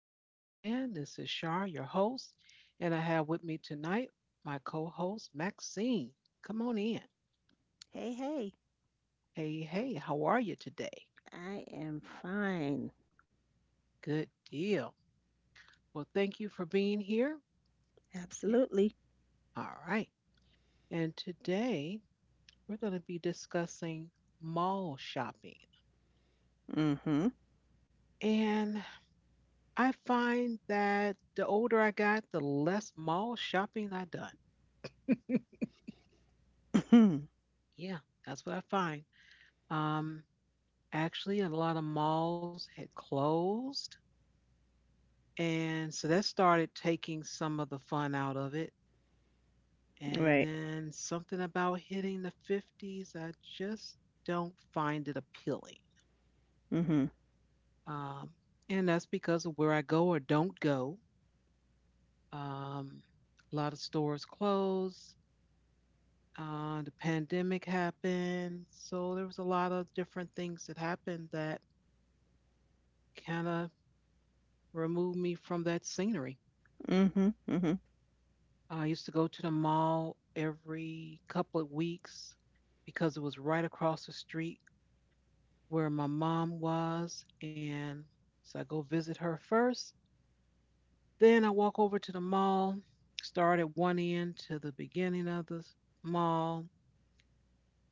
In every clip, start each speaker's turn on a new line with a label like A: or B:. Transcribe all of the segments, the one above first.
A: podcast land. This is Shar, your host, and I have with me tonight my co host, Maxine. Come on in.
B: Hey, hey,
A: Hey, hey, how are you today?
B: I am fine.
A: Good deal. Well, thank you for being here. Yeah.
B: Absolutely.
A: All right. And today we're going to be discussing mall shopping.
B: Mm-hmm.
A: And I find that the older I got, the less mall shopping I done. Yeah, that's what I find. Um, Actually, a lot of malls had closed. And so that started taking some of the fun out of it. And
B: Right.
A: then something about hitting the 50s, I just don't find it appealing.
B: Mm-hmm.
A: Um, and that's because of where I go or don't go. Um, a lot of stores closed. The pandemic happened. So there was a lot of different things that happened that kind of removed me from that scenery.
B: Mm-hmm. Mm-hmm.
A: I used to go to the mall every couple of weeks because it was right across the street where my mom was. And so I go visit her first. Then I walk over to the mall, start at one end to the beginning of the mall,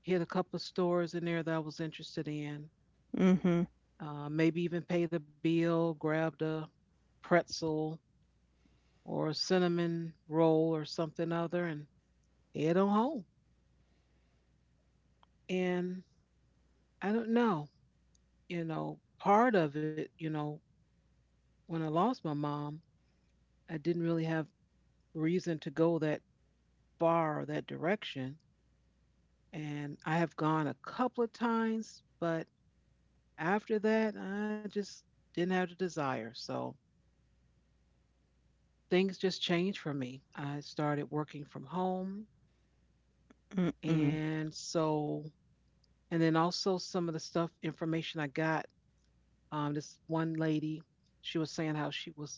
A: hit a couple of stores in there that I was interested in,
B: Mm-hmm.
A: maybe even paid a bill, grabbed a pretzel or a cinnamon roll or something other, and head on home. And I don't know. Part of it, when I lost my mom, I didn't really have reason to go that far or that direction. And I have gone a couple of times, but after that, I just didn't have the desire. So things just changed for me. I started working from home.
B: Mm-hmm.
A: And so, and then also some of the stuff, information I got. This one lady, she was saying how she was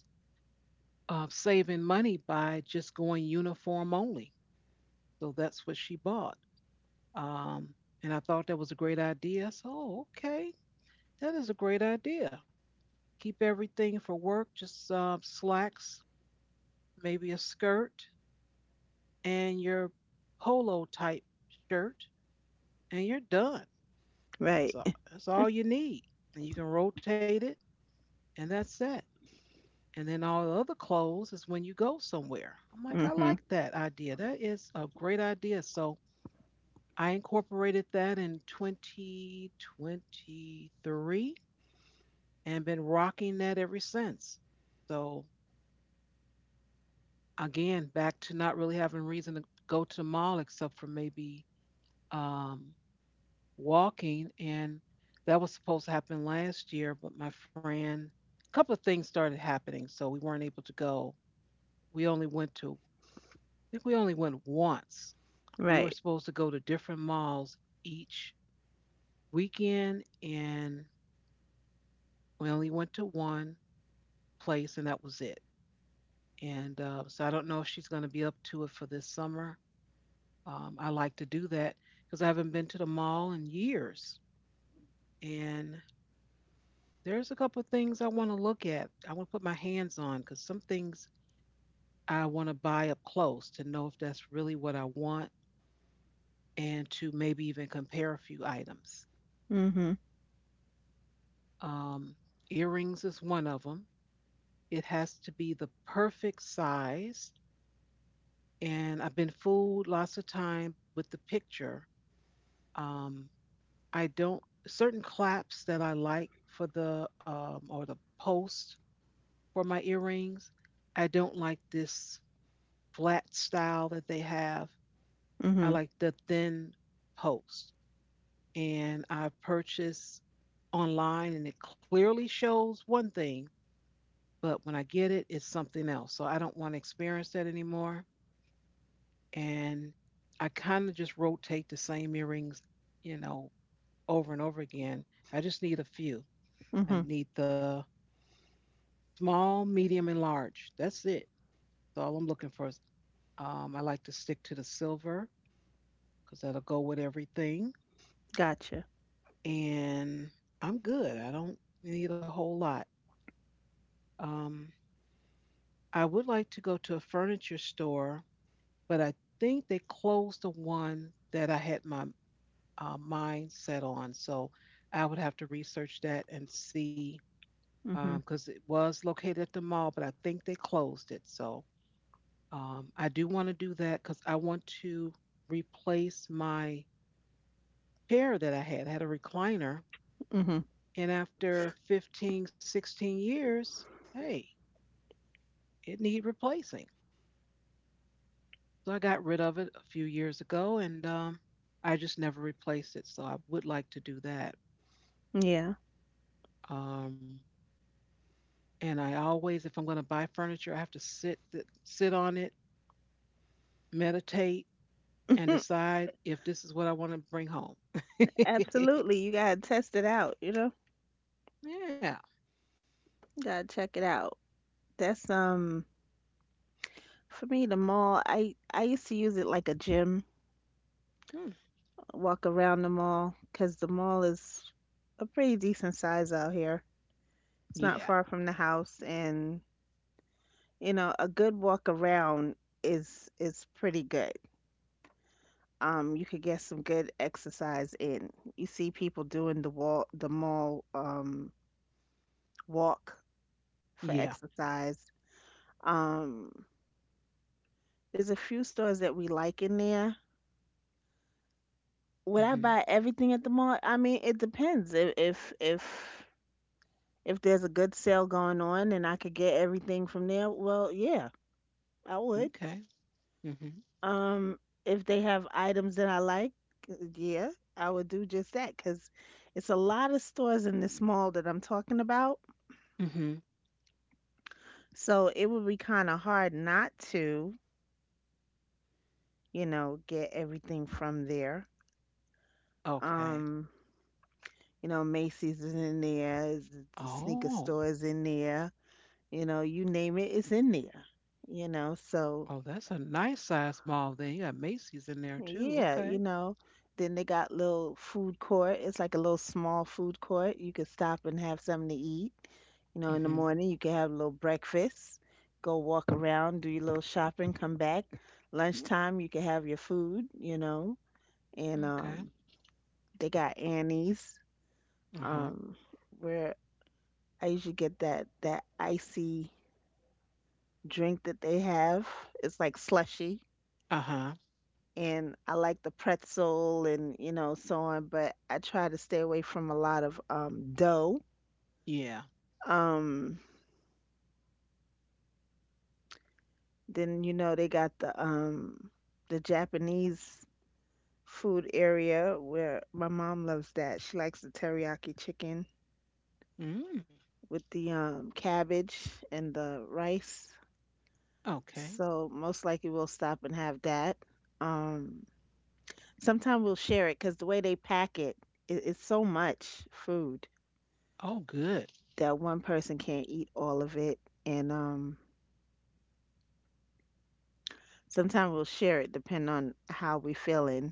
A: saving money by just going uniform only. So that's what she bought. Um, and I thought that was a great idea. I said, oh, okay, that is a great idea. Keep everything for work, just slacks, maybe a skirt, and your polo type shirt, and you're done.
B: Right.
A: So that's all you need. And you can rotate it, and that's it. And then all the other clothes is when you go somewhere. I'm like, I
B: Mm-hmm.
A: like that idea. That is a great idea. So I incorporated that in 2023 and been rocking that ever since. So again, back to not really having reason to go to the mall except for maybe um, walking, and that was supposed to happen last year, but my friend, a couple of things started happening, so we weren't able to go. We only went to, I think we only went once. We were
B: Right.
A: supposed to go to different malls each weekend, and we only went to one place, and that was it. And so I don't know if she's going to be up to it for this summer. I like to do that because I haven't been to the mall in years. And there's a couple of things I want to look at. I want to put my hands on because some things I want to buy up close to know if that's really what I want and to maybe even compare a few items.
B: Mm-hmm.
A: Um, earrings is one of them. It has to be the perfect size and I've been fooled lots of time with the picture. Um, I don't certain claps that I like for the or the post for my earrings. I don't like this flat style that they have. I
B: Mm-hmm.
A: like the thin post, and I purchased online, and it clearly shows one thing, but when I get it, it's something else. So I don't want to experience that anymore, and I kind of just rotate the same earrings, you know, over and over again. I just need a few.
B: Mm-hmm.
A: I need the small, medium, and large. That's it. That's all I'm looking for. I like to stick to the silver because that'll go with everything.
B: Gotcha.
A: And I'm good. I don't need a whole lot. Um, I would like to go to a furniture store, but I think they closed the one that I had my mind set on. So I would have to research that and see
B: Mm-hmm.
A: because it was located at the mall, but I think they closed it. So I do want to do that because I want to replace my chair that I had. I had a recliner,
B: Mm-hmm.
A: and after 15, 16 years, hey, it need replacing. So I got rid of it a few years ago, and I just never replaced it. So I would like to do that.
B: Yeah.
A: Um, and I always, if I'm going to buy furniture, I have to sit on it, meditate, and decide if this is what I want to bring home.
B: Absolutely. You gotta test it out, you know?
A: Yeah.
B: Gotta check it out. That's for me the mall, I used to use it like a gym,
A: Hmm.
B: walk around the mall, 'cause the mall is a pretty decent size out here. It's
A: Yeah.
B: not far from the house, and you know, a good walk around is pretty good. You could get some good exercise in. You see people doing the wall, the mall walk for
A: Yeah.
B: exercise. Um, there's a few stores that we like in there. Would I
A: Hmm.
B: buy everything at the mall? I mean, it depends. If there's a good sale going on and I could get everything from there, well, yeah, I would.
A: Okay. Hmm.
B: Um, if they have items that I like, yeah, I would do just that because it's a lot of stores in this mall that I'm talking about.
A: Hmm.
B: So it would be kind of hard not to, you know, get everything from there.
A: Okay.
B: Um, you know, Macy's is in there, the sneaker
A: Oh.
B: store is in there, you know, you name it, it's in there, you know. So,
A: Oh, that's a nice size mall then. You got Macy's in there too.
B: yeah, you
A: Okay.
B: know. Then they got little food court. It's like a little small food court. You could stop and have something to eat. You know, in the
A: Hmm.
B: morning you can have a little breakfast, go walk around, do your little shopping, come back. Lunchtime you can have your food, you know. And
A: Okay.
B: they got Annie's,
A: Uh huh.
B: um, where I usually get that icy drink that they have. It's like slushy.
A: Uh huh.
B: And I like the pretzel and, you know, so on, but I try to stay away from a lot of dough.
A: Yeah.
B: Um then you know they got the Japanese food area where my mom loves that. She likes the teriyaki chicken
A: Mm.
B: with the cabbage and the rice.
A: Okay.
B: So most likely we'll stop and have that. Um, sometime we'll share it because the way they pack it, it, it's so much food
A: Oh, good.
B: that one person can't eat all of it. And sometime we'll share it depending on how we feeling,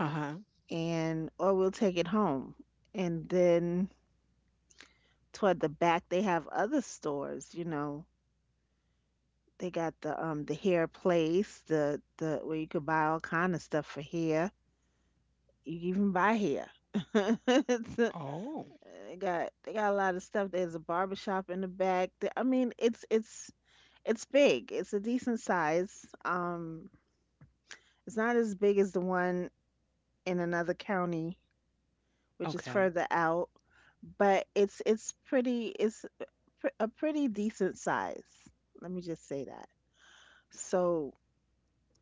A: Uh huh.
B: and or we'll take it home. And then toward the back, they have other stores, you know. They got the hair place, the where you could buy all kind of stuff for hair. You can even buy hair. It's a-
A: Oh.
B: they got a lot of stuff. There's a barber shop in the back. I mean, it's big. It's a decent size. It's not as big as the one in another county, which is
A: Okay.
B: further out, but it's pretty. A pretty decent size. Let me just say that. So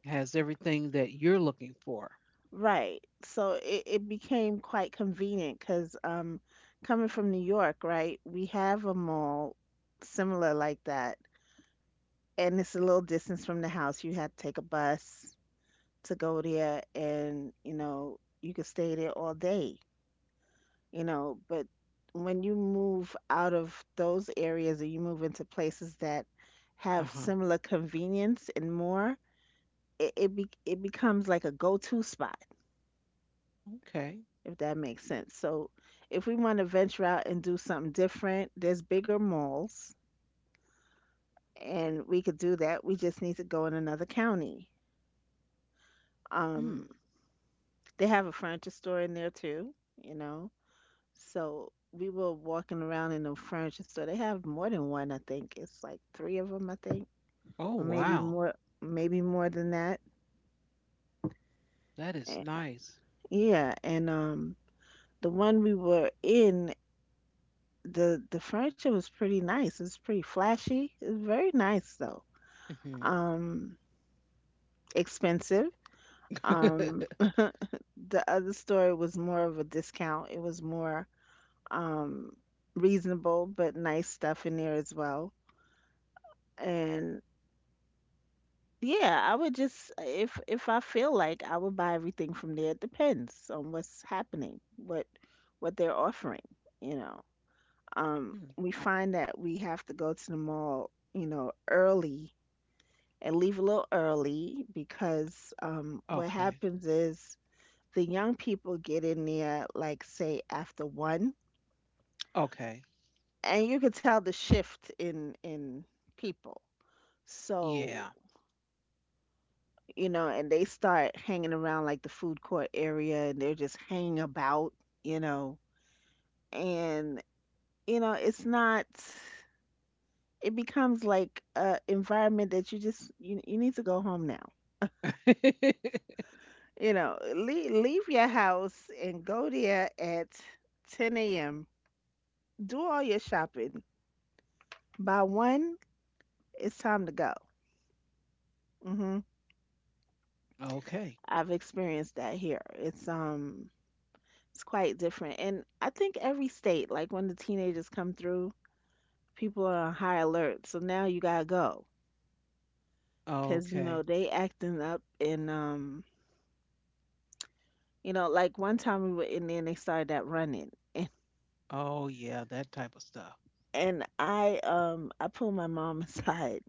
A: Has everything that you're looking for.
B: Right. So it became quite convenient because coming from New York, right, we have a mall similar like that. And it's a little distance from the house. You had to take a bus to go there and, you know, you could stay there all day, you know. But when you move out of those areas and you move into places that
A: Uh
B: have
A: huh.
B: similar convenience and more, it becomes like a go-to spot
A: Okay.
B: if that makes sense. So if we want to venture out and do something different, there's bigger malls and we could do that. We just need to go in another county. Um,
A: Mm.
B: they have a furniture store in there too, you know. So we were walking around in the furniture store. They have more than one, I think. It's like three of them, I think,
A: Oh,
B: or
A: wow.
B: maybe more than that.
A: That is
B: Eh,
A: nice.
B: Yeah, and the one we were in, the furniture was pretty nice. It was pretty flashy. It was very nice though.
A: Mhm.
B: um, expensive. Um, the other store was more of a discount. It was more um, reasonable, but nice stuff in there as well. And yeah, I would just if I feel like I would buy everything from there. It depends on what's happening, what they're offering. You know,
A: Hmm,
B: we find that we have to go to the mall, you know, early and leave a little early because what
A: okay.
B: happens is the young people get in there, like, say after one,
A: Okay.
B: and you could tell the shift in people. So
A: Yeah.
B: you know, and they start hanging around like the food court area, and they're just hanging about, you know. And you know, it's not, it becomes like a environment that you just you need to go home now, you know. Leave your house and go there at 10 a.m, do all your shopping by one, it's time to go. hmm
A: Okay.
B: I've experienced that here. It's quite different. And I think every state, like when the teenagers come through, people are on high alert. So now you gotta go. 'Cause you know,
A: Okay.
B: they acting up and you know, like one time we were in there and they started that running, and,
A: Oh yeah, that type of stuff.
B: and I pulled my mom aside,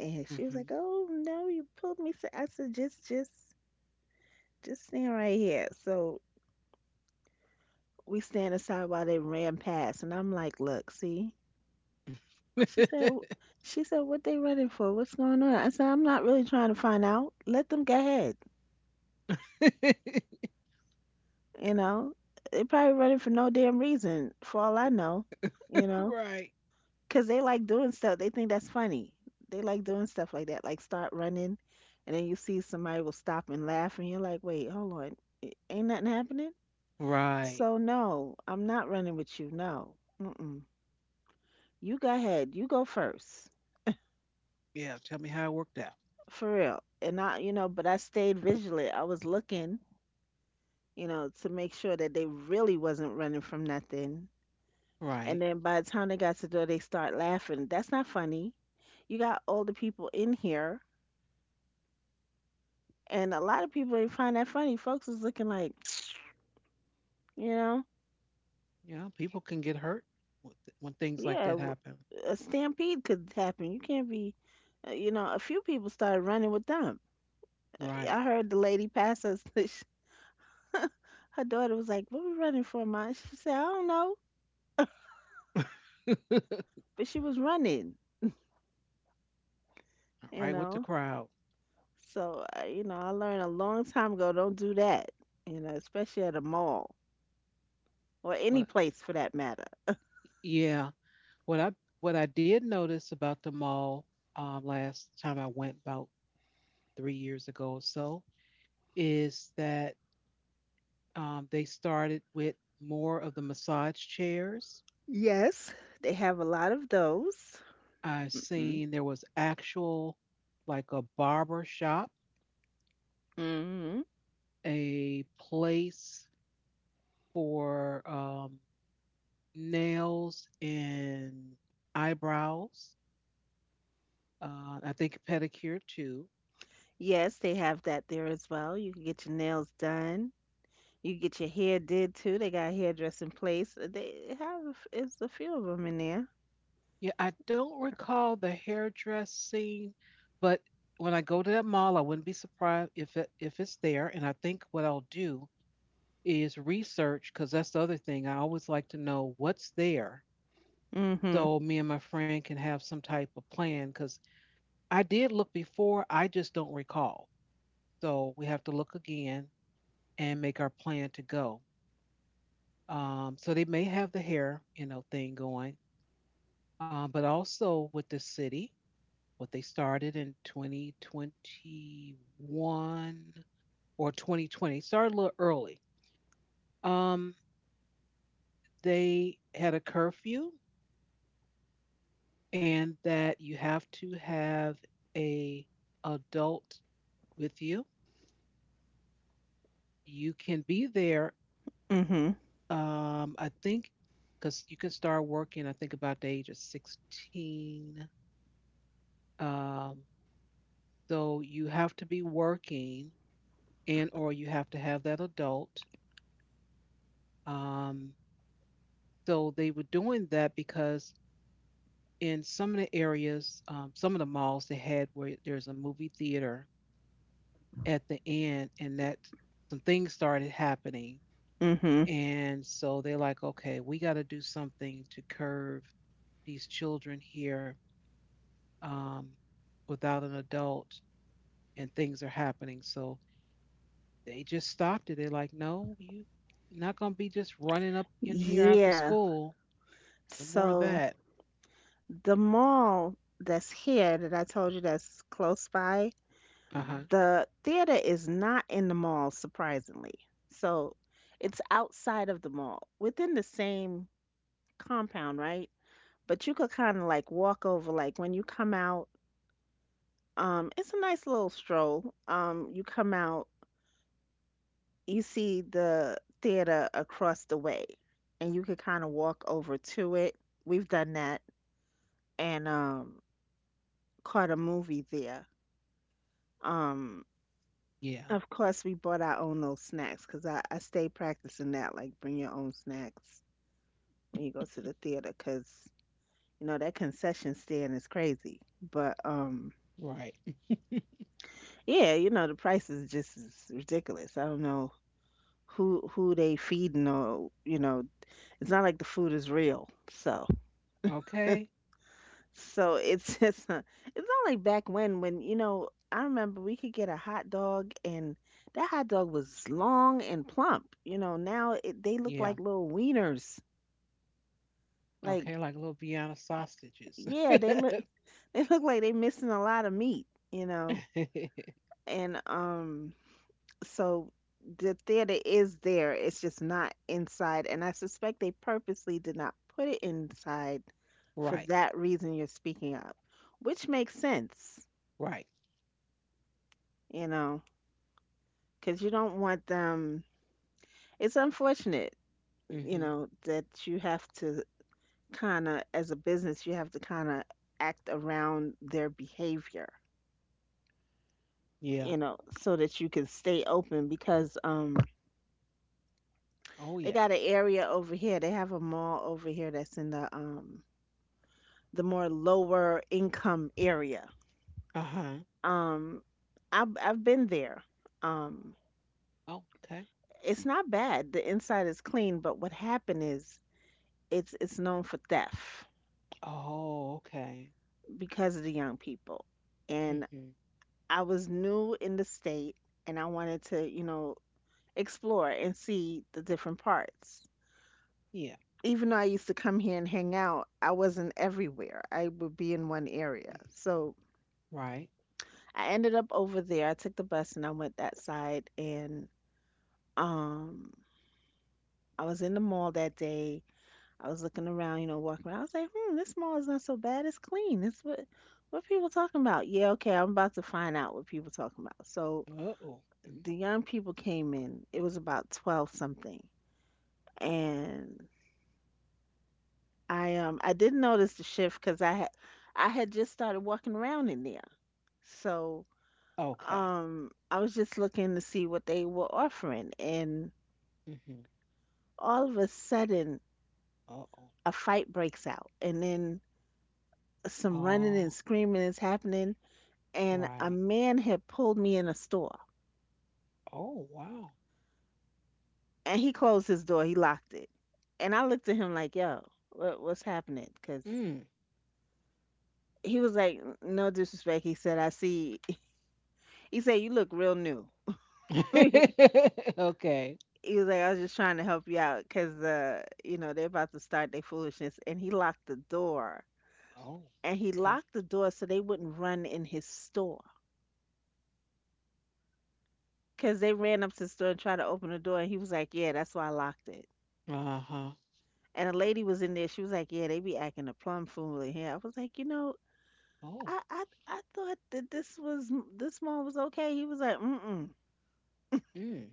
B: and she was
A: Mhm.
B: like, "Oh no, you pulled me aside." I said, just just stand right here. So we stand aside while they ran past, and I'm like, "Look, see?" She said, "W- she said, "what they running for? What's going on?" I said, "I'm not really trying to find out. Let them go ahead. You know, they probably running for no damn reason, for all I know. You know,
A: Right.
B: because they like doing stuff. They think that's funny. They like doing stuff like that, like start running, and then you see somebody will stop and laugh, and you're like, wait, hold on, ain't nothing happening.
A: Right.
B: So no, I'm not running with you. No, mm-mm. You go ahead. You go first,
A: Yeah. Tell me how it worked out.
B: for real." And I, you know, but I stayed vigilant. I was looking, you know, to make sure that they really wasn't running from nothing. And
A: Right.
B: then by the time they got to the door, they start laughing. That's not funny. You got older people in here, and a lot of people didn't find that funny. Folks was looking like, you know,
A: Yeah. People can get hurt when things like
B: yeah,
A: that happen.
B: a stampede could happen. You can't be, you know, a few people started running with them.
A: Right.
B: I heard the lady pass us. sh- her daughter was like, "What we running for, ma?" She said, "I don't know,"
A: Right
B: but she was running, you
A: with the
B: know.
A: crowd.
B: So, I, you know, I learned a long time ago don't do that, you know, especially at a mall or any
A: What?
B: place for that matter.
A: Yeah. What I what I did notice about the mall last time I went about 3 years ago or so, is that they started with more of the massage chairs.
B: Yes, they have a lot of those.
A: I've
B: Hmm.
A: seen there was actual, like a barber shop,
B: Hmm.
A: a place for nails and eyebrows. I think pedicure too.
B: Yes, they have that there as well. You can get your nails done. You can get your hair did too. They got a hairdressing place. They have it's a few of them in there.
A: Yeah, I don't recall the hairdressing, but when I go to that mall, I wouldn't be surprised if it's there. And I think what I'll do is research because that's the other thing. I always like to know what's there
B: Hmm.
A: so me and my friend can have some type of plan because I did look before, I just don't recall. So we have to look again and make our plan to go. So they may have the hair, thing going, but also with the city, what they started in 2021 or 2020, started a little early. Um, they had a curfew and that you have to have a adult with you. You can be there.
B: Hmm.
A: I think because you can start working. I think about the age of 16. Um, so you have to be working, and or you have to have that adult. Um, so they were doing that because in some of the areas, some of the malls they had where there's a movie theater at the end, and that some things started happening.
B: Hmm.
A: And so they're like, okay, we got to do something to curve these children here, um, without an adult, and things are happening. So they just stopped it. They're like, no, you not gonna be just running up in here after
B: Yeah.
A: school. No more of
B: So
A: that.
B: the mall that's here that I told you that's close by,
A: Uh huh.
B: the theater is not in the mall, surprisingly. So it's outside of the mall, within the same compound, right? But you could kind of like walk over, like when you come out, it's a nice little stroll. You come out, you see the theater across the way, and you could kind of walk over to it. We've done that and caught a movie there. Um,
A: Yeah.
B: Of course, we bought our own little snacks because I stay practicing that, like bring your own snacks when you go to the theater because, you know, that concession stand is crazy. But
A: Right.
B: yeah, you know, the price is just is ridiculous. I don't know who they feeding or, you know, it's not like the food is real. So
A: Okay.
B: so it's just it's not like back when, you know, I remember we could get a hot dog and that hot dog was long and plump. You know, now it, they look
A: Yeah.
B: like little wieners.
A: Okay.
B: Like,
A: Like little Vienna sausages.
B: yeah, they look they look like they missing a lot of meat, you know. And so the theater is there. It's just not inside, and I suspect they purposely did not put it inside for
A: Right.
B: that reason you're speaking of, which makes sense,
A: Right.
B: you know, because you don't want them. It's unfortunate, you
A: Hmm.
B: know, that you have to kind of, as a business, you have to kind of act around their behavior.
A: Yeah.
B: You know, so that you can stay open because
A: Oh
B: they
A: yeah.
B: got an area over here. They have a mall over here that's in the more lower income area.
A: Uh huh.
B: Um I've been there. Um
A: Oh, okay.
B: it's not bad. The inside is clean, but what happened is it's known for theft
A: Oh, okay.
B: because of the young people. And
A: Hmm.
B: I was new in the state, and I wanted to, you know, explore and see the different parts.
A: Yeah,
B: Even though I used to come here and hang out, I wasn't everywhere. I would be in one area. So
A: right.
B: I ended up over there. I took the bus and I went that side, and um I was in the mall that day. I was looking around, you know, walking around. I was like, hmm, this mall is not so bad. It's clean. It's what people talking about. Yeah, okay, I'm about to find out what people talking about. So
A: Uh-oh. Mhm.
B: the young people came in. It was about twelve something. And I didn't notice the shift because I had just started walking around in there. So
A: Okay.
B: I was just looking to see what they were offering, and
A: Mm-hmm.
B: all of a sudden
A: Uh-oh.
B: a fight breaks out, and then some running
A: Oh,
B: and screaming is happening, and a
A: right.
B: man had pulled me in a store,
A: Oh, wow.
B: and he closed his door, he locked it. And I looked at him like, "Yo, what, what's" cause
A: Mm.
B: he was like, "No disrespect." He said, "I see." He said, "You look real new."
A: Okay.
B: He was like, I was just trying to help you out because, you know, they're about to start their foolishness. And he locked the door.
A: Oh,
B: And he
A: okay.
B: locked the door so they wouldn't run in his store. Because they ran up to the store and tried to open the door. And he was like, yeah, that's why I locked it.
A: Uh-huh.
B: And a lady was in there. She was like, yeah, they be acting a plum fool in here. I was like, you know,
A: Oh.
B: I thought that this mall was okay. He was like, mm mm.
A: Mm.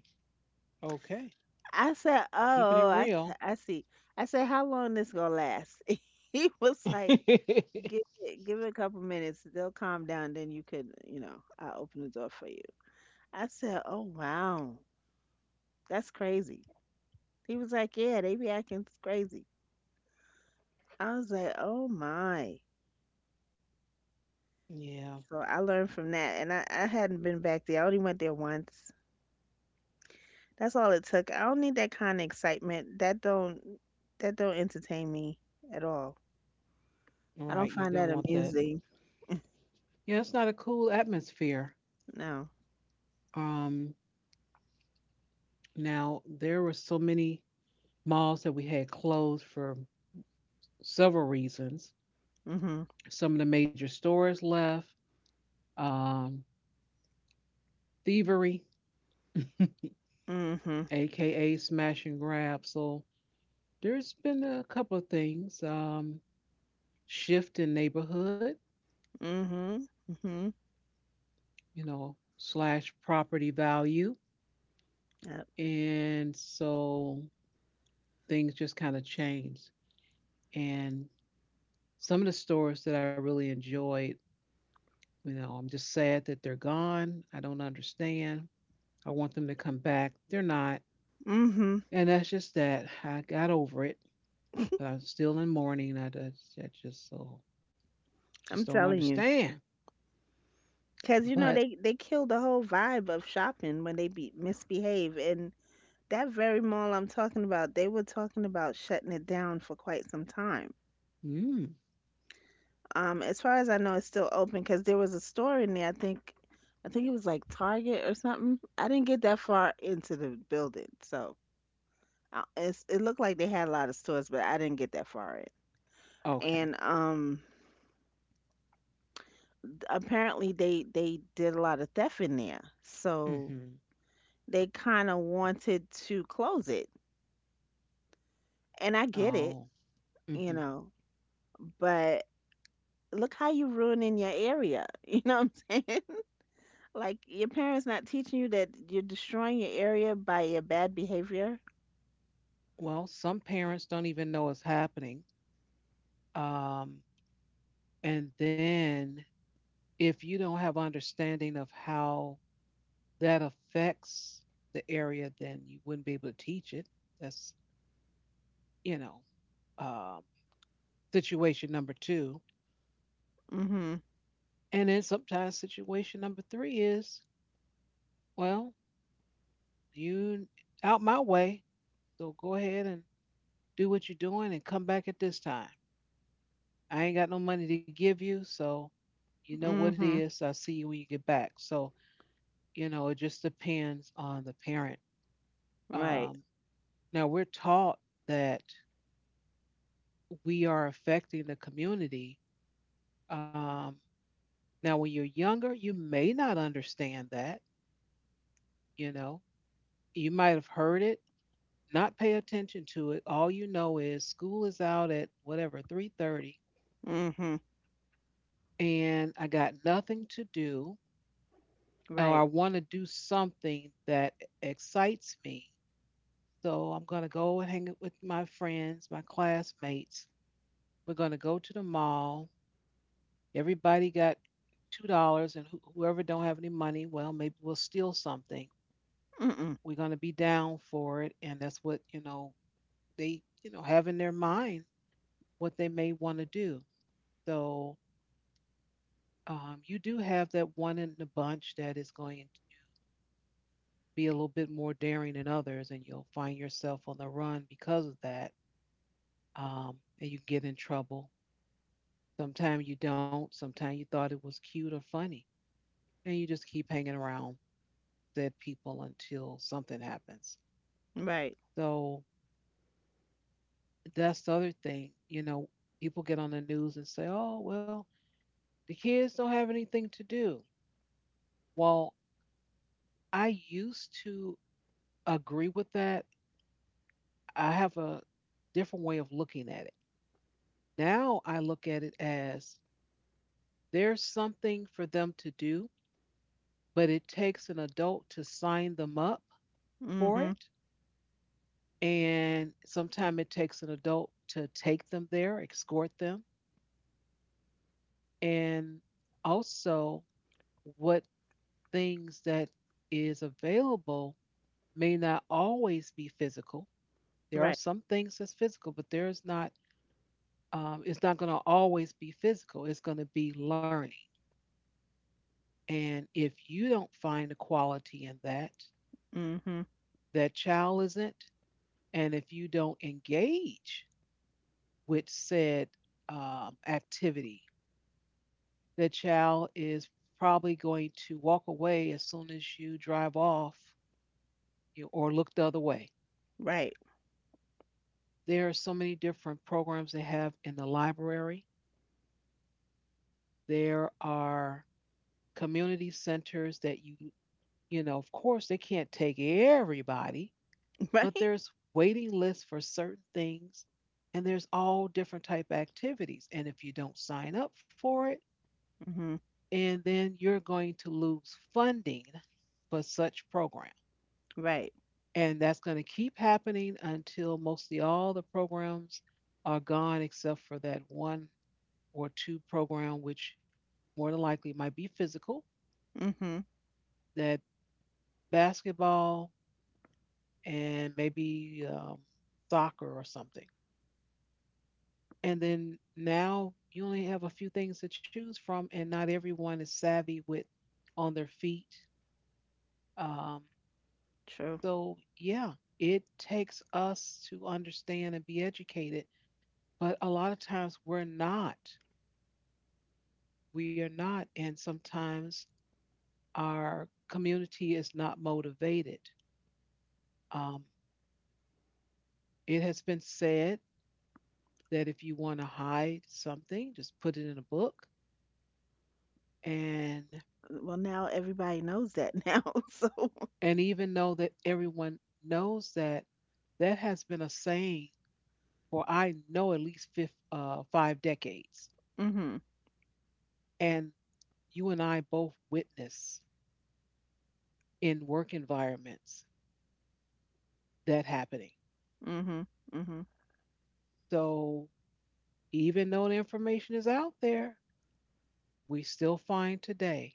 A: Okay.
B: I said,
A: Keeping it
B: oh,
A: real.
B: I see. I said, how long this gonna last? He was like, give it a couple minutes. They'll calm down. Then you could, you know, I'll open the door for you. I said, oh, wow. That's crazy. He was like, yeah, they be acting crazy. I was like, oh, my.
A: Yeah,
B: So I learned from that. And I hadn't been back there. I only went there once. That's all it took. I don't need that kind of excitement. That don't entertain me at all. I don't
A: right. You
B: find
A: don't
B: that
A: want that.
B: amusing.
A: Yeah, it's not a cool atmosphere.
B: No.
A: Um, now there were so many malls that we had closed for several reasons.
B: Mm-hmm.
A: Some of the major stores left. Um, thievery,
B: Mm-hmm.
A: aka smash and grab. So there's been a couple of things. Shift in neighborhood,
B: Mm-hmm. Mm-hmm.
A: slash property value,
B: Yep.
A: and so things just kind of changed. And some of the stores that I really enjoyed, I'm just sad that they're gone. I don't understand. I want them to come back. They're not.
B: Mm-hmm.
A: And that's just that. I got over it. But I'm still in mourning. I just so just
B: I'm
A: don't
B: telling you.
A: understand.
B: Cause you know
A: But
B: they kill the whole vibe of shopping when they be misbehave, and that very mall I'm talking about, they were talking about shutting it down for quite some time.
A: mm,
B: As far as I know, it's still open because there was a store in there. I think it was like Target or something. I didn't get that far into the building, so it looked like they had a lot of stores, but I didn't get that far in.
A: okay.
B: And apparently they did a lot of theft in there, so
A: Mm-hmm.
B: they kind of wanted to close it, and I get it,
A: Oh.
B: you
A: Mm-hmm.
B: know, but look how you ruining your area. You know what I'm saying? Like your parents not teaching you that you're destroying your area by your bad behavior.
A: Well, some parents don't even know it's happening. Um, and then if you don't have understanding of how that affects the area, then you wouldn't be able to teach it. That's you know um, situation number two.
B: Mhm.
A: And then sometimes situation number three is, well, you out my way. So go ahead and do what you're doing and come back at this time. I ain't got no money to give you, so you know what it
B: Mhm.
A: is. I'll see you when you get back. So, it just depends on the parent.
B: Right.
A: Um, now, we're taught that we are affecting the community. Um, now, when you're younger, you may not understand that, you know, you might have heard it, not pay attention to it. All you know is school is out at whatever, 3:30
B: Mhm.
A: and I got nothing to do. Or I
B: Right.
A: want to do something that excites me. So I'm going to go and hang out with my friends, my classmates. We're going to go to the mall. Everybody got $2, and whoever don't have any money, well, maybe we'll steal something.
B: Mhm.
A: We're going to be down for it, and that's what they have in their mind what they may want to do. So you do have that one in the bunch that is going be a little bit more daring than others, and you'll find yourself on the run because of that, and you get in trouble. Sometimes you don't. Sometimes you thought it was cute or funny, and you just keep hanging around said people until something happens.
B: Right.
A: So that's the other thing. You know, people get on the news and say, "Oh, well, the kids don't have anything to do." Well, I used to agree with that. I have a different way of looking at it. Now I look at it as there's something for them to do, but it takes an adult to sign them up for
B: Mhm.
A: it. And sometimes it takes an adult to take them there, escort them. And also, what things that is available may not always be physical. There are
B: Right.
A: some things that's physical, but there's not, it's not going to always be physical. It's going to be learning. And if you don't find the quality in that,
B: Mhm.
A: that child isn't. And if you don't engage with said activity, the child is probably going to walk away as soon as you drive off you, or look the other way.
B: Right.
A: There are so many different programs they have in the library. There are community centers that you know, of course, they can't take everybody, but
B: Right.
A: there's waiting lists for certain things, and there's all different type of activities, and if you don't sign up for it
B: Mhm.
A: and then you're going to lose funding for such program.
B: Right.
A: And that's going to keep happening until mostly all the programs are gone, except for that one or two program, which more than likely might be physical,
B: Mhm.
A: that basketball and maybe soccer or something. And then now you only have a few things to choose from, and not everyone is savvy with on their feet. um,
B: True.
A: So, yeah, it takes us to understand and be educated, but a lot of times we're not. We are not. And sometimes our community is not motivated. Um, it has been said that if you want to hide something, just put it in a book. And,
B: Well, now everybody knows that now. So.
A: and even though that everyone knows that, that has been a saying for I know at least fif five decades.
B: Mhm.
A: And you and I both witness in work environments that happening.
B: Mhm. Mhm.
A: So even though the information is out there, we still find today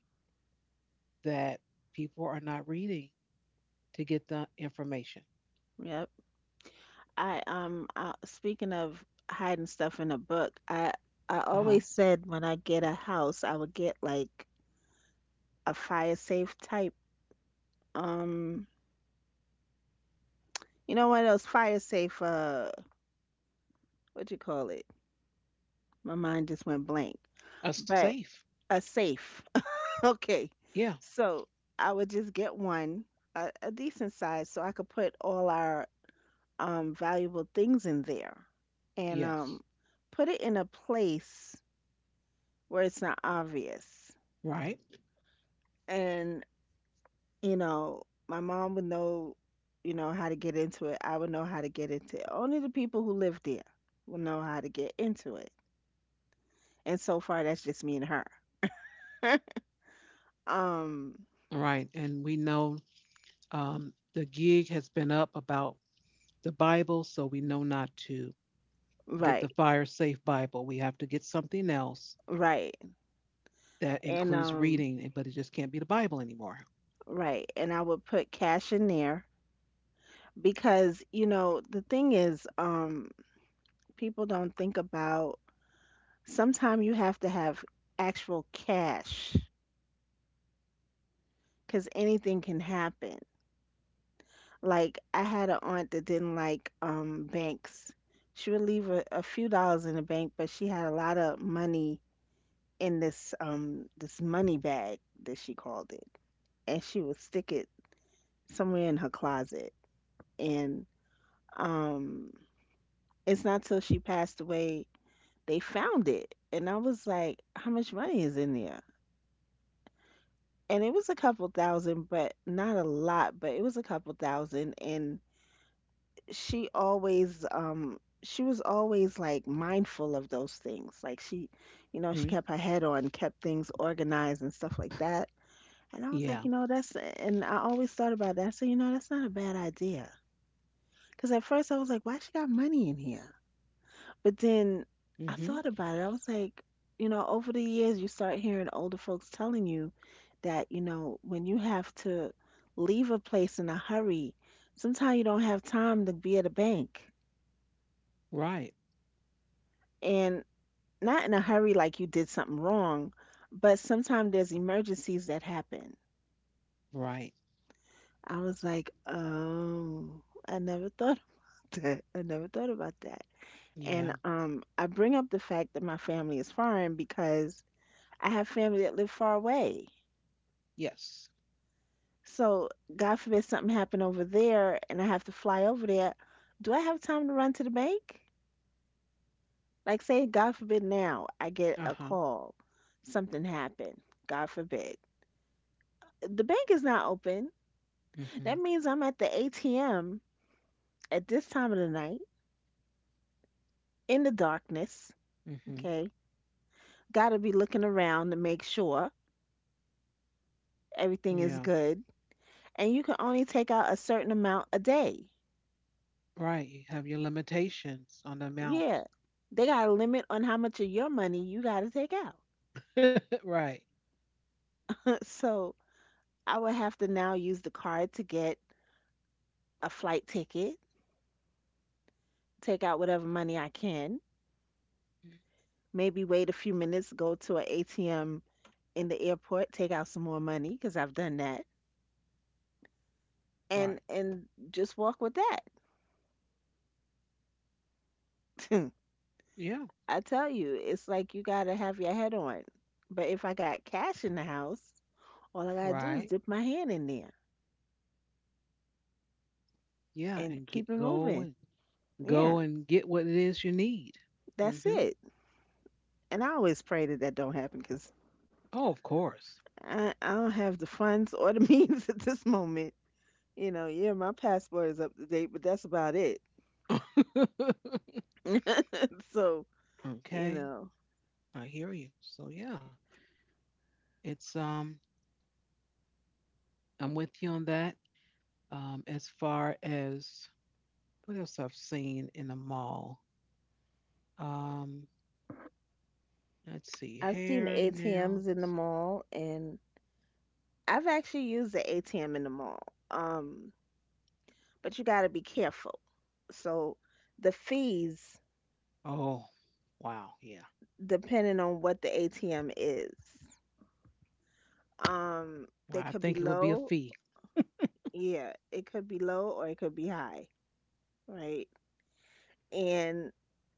A: that people are not reading to get the information.
B: Yep. I Speaking of hiding stuff in a book, I
A: Uh-huh.
B: always said when I get a house, I would get like a fire safe type, um you know, one of those fire safe, what you call it? My mind just went blank.
A: A
B: But
A: safe.
B: a safe. Okay.
A: Yeah.
B: So I would just get one, a decent size, so I could put all our valuable things in there, and
A: Yes.
B: put it in a place where it's not obvious.
A: Right.
B: And you know, my mom would know, you know, how to get into it. I would know how to get into it. Only the people who live there will know how to get into it, and so far that's just me and her. um
A: Right. And we know the gig has been up about the Bible, so we know not to get
B: right
A: the fire safe Bible. We have to get something else
B: right
A: that
B: and
A: includes
B: um
A: reading, but it just can't be the Bible anymore.
B: right, and I would put cash in there because you know, the thing is, people don't think about, sometimes you have to have actual cash because anything can happen. Like I had an aunt that didn't like banks. She would leave a few dollars in the bank, but she had a lot of money in this this money bag that she called it, and she would stick it somewhere in her closet. And um, it's not till she passed away they found it, and I was like, how much money is in there? And it was a couple thousand, but not a lot, but it was a couple thousand, and she always she was always like mindful of those things. Like she, you know, she
A: Mhm.
B: kept her head on, kept things organized and stuff like that. And I was
A: Yeah.
B: like, you know, that's, and I always thought about that. So, you know, that's not a bad idea. Cuz at first I was like, why she got money in here? But then I
A: Mhm.
B: thought about it. I was like, you know, over the years you start hearing older folks telling you that, you know, when you have to leave a place in a hurry, sometimes you don't have time to be at a bank.
A: Right.
B: And. Not in a hurry like you did something wrong, but sometimes there's emergencies that happen.
A: Right.
B: I was like, oh, I never thought of that. I never thought about that. And
A: Yeah.
B: I bring up the fact that my family is foreign because I have family that live far away.
A: Yes.
B: So, God forbid something happen over there and I have to fly over there. Do I have time to run to the bank? Like, say, God forbid now I get
A: Uh
B: a
A: huh.
B: call, something happened. God forbid the bank is not open. That
A: Mhm.
B: means I'm at the ATM at this time of the night, in the darkness.
A: Mhm.
B: Okay. Got to be looking around to make sure everything is
A: Yeah.
B: good. And you can only take out a certain amount a day.
A: Right. You have your limitations on the amount.
B: Yeah. They got a limit on how much of your money you got to take out.
A: Right.
B: So I would have to now use the card to get a flight ticket, take out whatever money I can, maybe wait a few minutes, go to an ATM in the airport, take out some more money, because I've done that.
A: Right.
B: And just walk with that.
A: Yeah.
B: I tell you, it's like you gotta have your head on. But if I got cash in the house, all I gotta do
A: Right.
B: is dip my hand in there
A: Yeah.
B: and
A: And get
B: keep it
A: go
B: moving.
A: and
B: Yeah,
A: go and get what it is you need.
B: that's
A: Hmm.
B: it. And I always pray that that don't happen because
A: Oh, of course.
B: I don't have the funds or the means at this moment. You know, yeah, my passport is up to date, but that's about it. So, you
A: Okay.
B: know,
A: I hear you. So yeah, it's I'm with you on that. As far as what else I've seen in the mall. Um, Let's see,
B: I've seen
A: hair,
B: ATMs
A: nails.
B: in the mall, and I've actually used the ATM in the mall. Um, but you got to be careful. So the fees,
A: Oh, wow. Yeah.
B: depending on what the ATM is,
A: Wow.
B: they
A: I
B: could be
A: think it would be a
B: low.
A: fee.
B: Yeah, it could be low or it could be high, right? And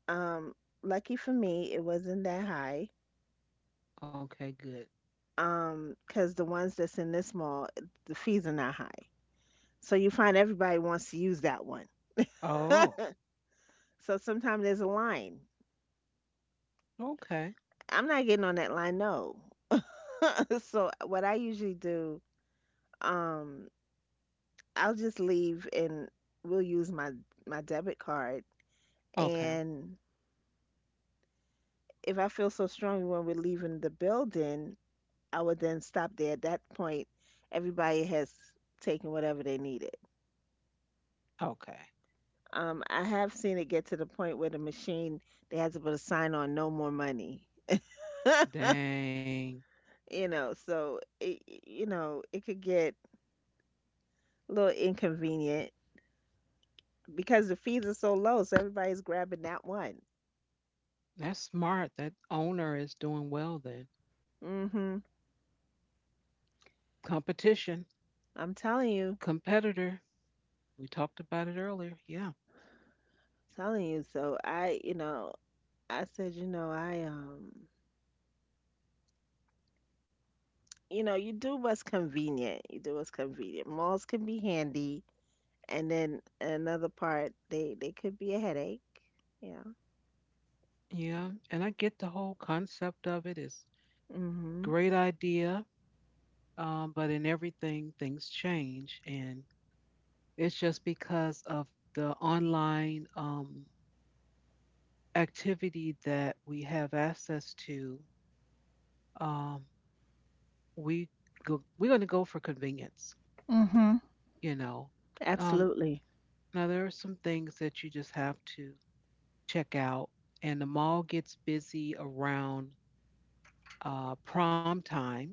B: um, lucky for me, it wasn't that high.
A: Okay, good.
B: 'Cause the ones that's in this mall, the fees are not high. So you find everybody wants to use that one.
A: Oh,
B: So sometimes there's a line.
A: okay.
B: I'm not getting on that line, no. So what I usually do, um, I'll just leave and we'll use my debit card.
A: Okay.
B: And if I feel so strongly when we're leaving the building, I would then stop there. At that point, everybody has taken whatever they needed.
A: Okay.
B: I have seen it get to the point where the machine they had to put a sign on, "No more money."
A: Dang.
B: You know, so it, you know, it could get a little inconvenient because the fees are so low. So everybody's grabbing that one.
A: That's smart. That owner is doing well then.
B: Hmm.
A: Competition,
B: I'm telling you.
A: competitor. We talked about it earlier. Yeah.
B: Telling you, so I, you know, I said, you know, you know, you do what's convenient. You do what's convenient. Malls can be handy, and then another part, they could be a headache. Yeah.
A: Yeah. And I get the whole concept of it. It's
B: Mm-hmm.
A: great idea. But in everything, things change. And it's just because of the online activity that we have access to, um, we go, we're going to go for convenience,
B: Mm-hmm.
A: you know. Um,
B: Absolutely.
A: now, there are some things that you just have to check out, and the mall gets busy around prom time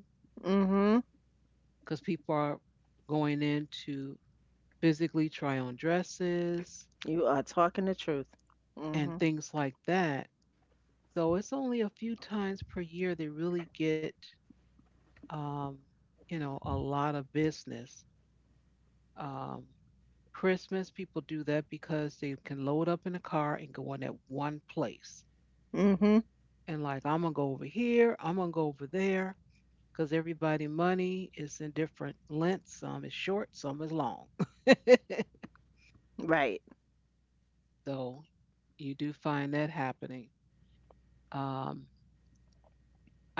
B: Mm-hmm.
A: because people are going in to physically try on dresses
B: You are talking the truth.
A: and
B: Mm-hmm.
A: things like that. So it's only a few times per year they really get, um, you know, a lot of business. Um, Christmas, people do that because they can load up in a car and go in at one place.
B: Mm-hmm.
A: And like, I'm gonna go over here, I'm gonna go over there, because everybody money is in different lengths. Some is short, some is long.
B: Right.
A: So you do find that happening. Um,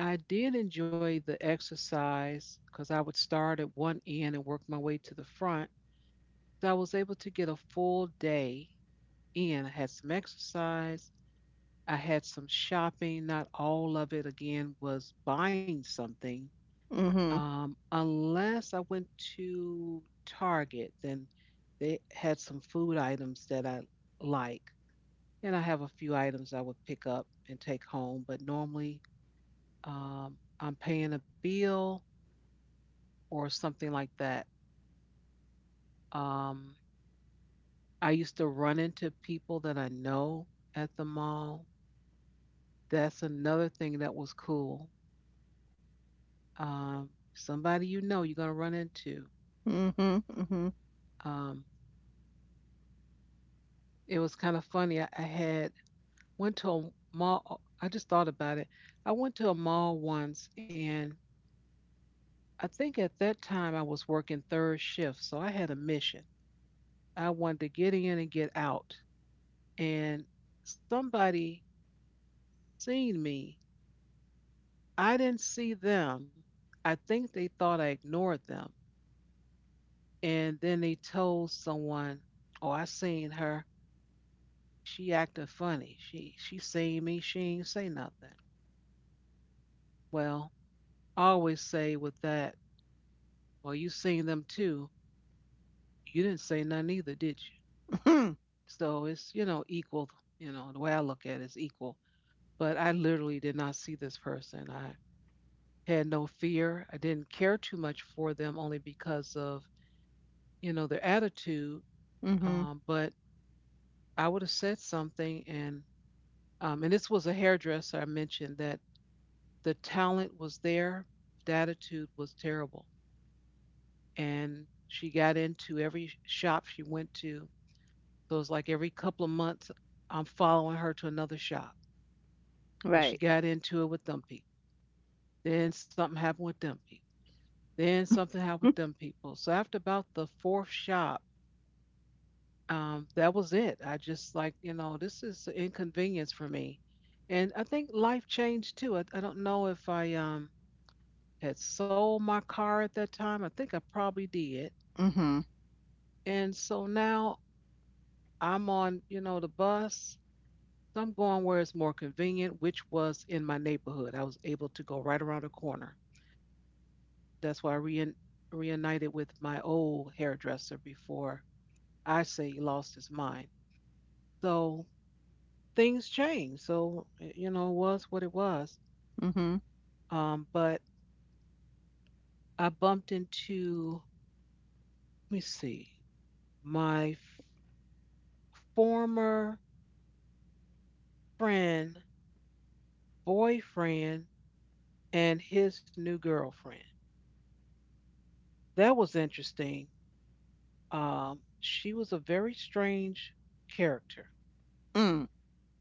A: I did enjoy the exercise because I would start at one end and work my way to the front. So I was able to get a full day in. I had some exercise. I had some shopping. Not all of it, again, was buying something.
B: Mm-hmm.
A: Unless I went to Target, then they had some food items that I like. And I have a few items I would pick up and take home, but normally I'm paying a bill or something like that. Um, I used to run into people that I know at the mall. That's another thing that was cool. Somebody you know you're gonna run into.
B: Mm-hmm. Mm-hmm.
A: Um, it was kind of funny. I had went to a mall. I just thought about it. I went to a mall once, and I think at that time I was working third shift, so I had a mission. I wanted to get in and get out, and somebody seen me. I didn't see them. I think they thought I ignored them, and then they told someone, "Oh, I seen her. She acting funny. She seen me. She ain't say nothing." Well, I always say with that, well, you seen them too. You didn't say nothing either, did you?
B: Mm-hmm.
A: So it's you know equal. You know the way I look at it is equal. But I literally did not see this person. I had no fear. I didn't care too much for them only because of you know their attitude.
B: Mm-hmm.
A: But I would have said something, and this was a hairdresser I mentioned that the talent was there, the attitude was terrible. And she got into every shop she went to. So it's like every couple of months, I'm following her to another shop. So
B: Right.
A: she got into it with them people. Then something happened with them people. Then something happened with them people. So after about the fourth shop, that was it. I just like, you know, this is an inconvenience for me. And I think life changed too. I don't know if I had sold my car at that time. I think I probably did.
B: Mm-hmm.
A: And so now I'm on, you know, the bus. So I'm going where it's more convenient, which was in my neighborhood. I was able to go right around the corner. That's why I reunited with my old hairdresser before I say he lost his mind. So things changed. So, you know, it was what it was.
B: Mm-hmm.
A: But I bumped into, let me see, my former friend, boyfriend, and his new girlfriend. That was interesting. She was a very strange character,
B: Mm.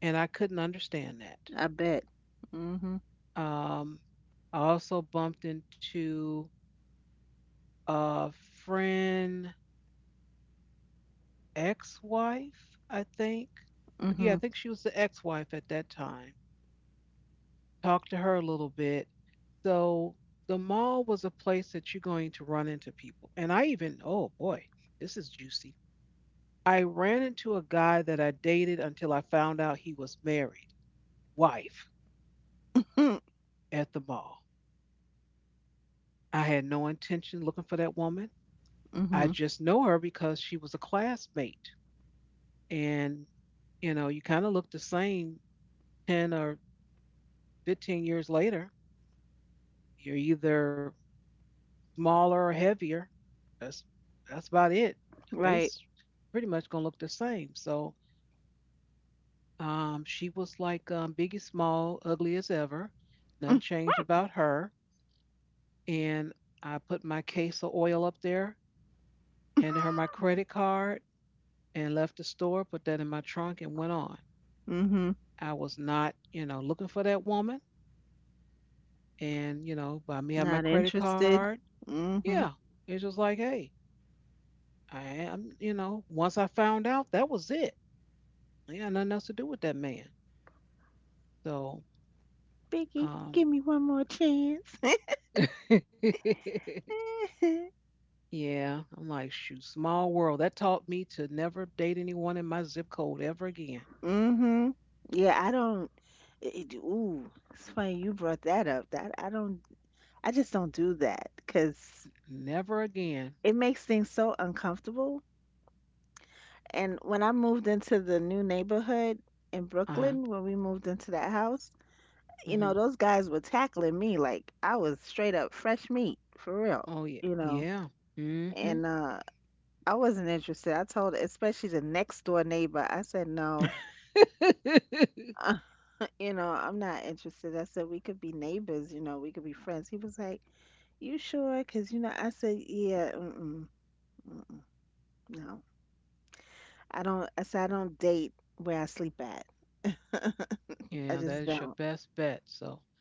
A: and I couldn't understand that.
B: I bet. Mm-hmm.
A: Um, I also bumped into a friend, ex-wife, I think.
B: Mm-hmm.
A: Yeah, I think she was the ex-wife at that time. Talked to her a little bit. So the mall was a place that you're going to run into people. And I even, oh boy, this is juicy. I ran into a guy that I dated until I found out he was married. Wife at the mall. I had no intention looking for that woman. I
B: Mm-hmm.
A: just know her because she was a classmate. And, you know, you kind of look the same 10 or 15 years later. You're either smaller or heavier. That's that's about it. The
B: Right.
A: face pretty much gonna look the same. So she was like Biggie Small, ugly as ever. Nothing changed about her. And I put my case of oil up there, handed her my credit card, and left the store, put that in my trunk, and went on.
B: Mm-hmm.
A: I was not, you know, looking for that woman. And, you know, by me having my
B: Not
A: credit
B: interested.
A: card, yeah,
B: Mm-hmm.
A: it's just like, hey, I am, you know, once I found out, that was it. Yeah, nothing else to do with that man. So,
B: Biggie,
A: um,
B: give me one more chance.
A: yeah, I'm like, shoot, small world. That taught me to never date anyone in my zip code ever again.
B: Mm-hmm. Yeah, I don't. Ooh, it's funny you brought that up. That I don't. I just don't do that because
A: Never again.
B: it makes things so uncomfortable. And when I moved into the new neighborhood in
A: Uh huh.
B: Brooklyn, when we moved into that house, you know,
A: Hmm.
B: those guys were tackling me like I was straight up fresh meat for real.
A: Oh, yeah.
B: You know,
A: Yeah. Mm hmm
B: and I wasn't interested. I told, especially the next door neighbor, I said, no, uh, you know, I'm not interested. I said, we could be neighbors, you know, we could be friends. He was like, you sure? Because, you know, I said, yeah, mm-mm, mm-mm, no. I don't, I said, I don't date where I sleep at. I
A: Yeah,
B: just
A: that is
B: don't.
A: your best bet.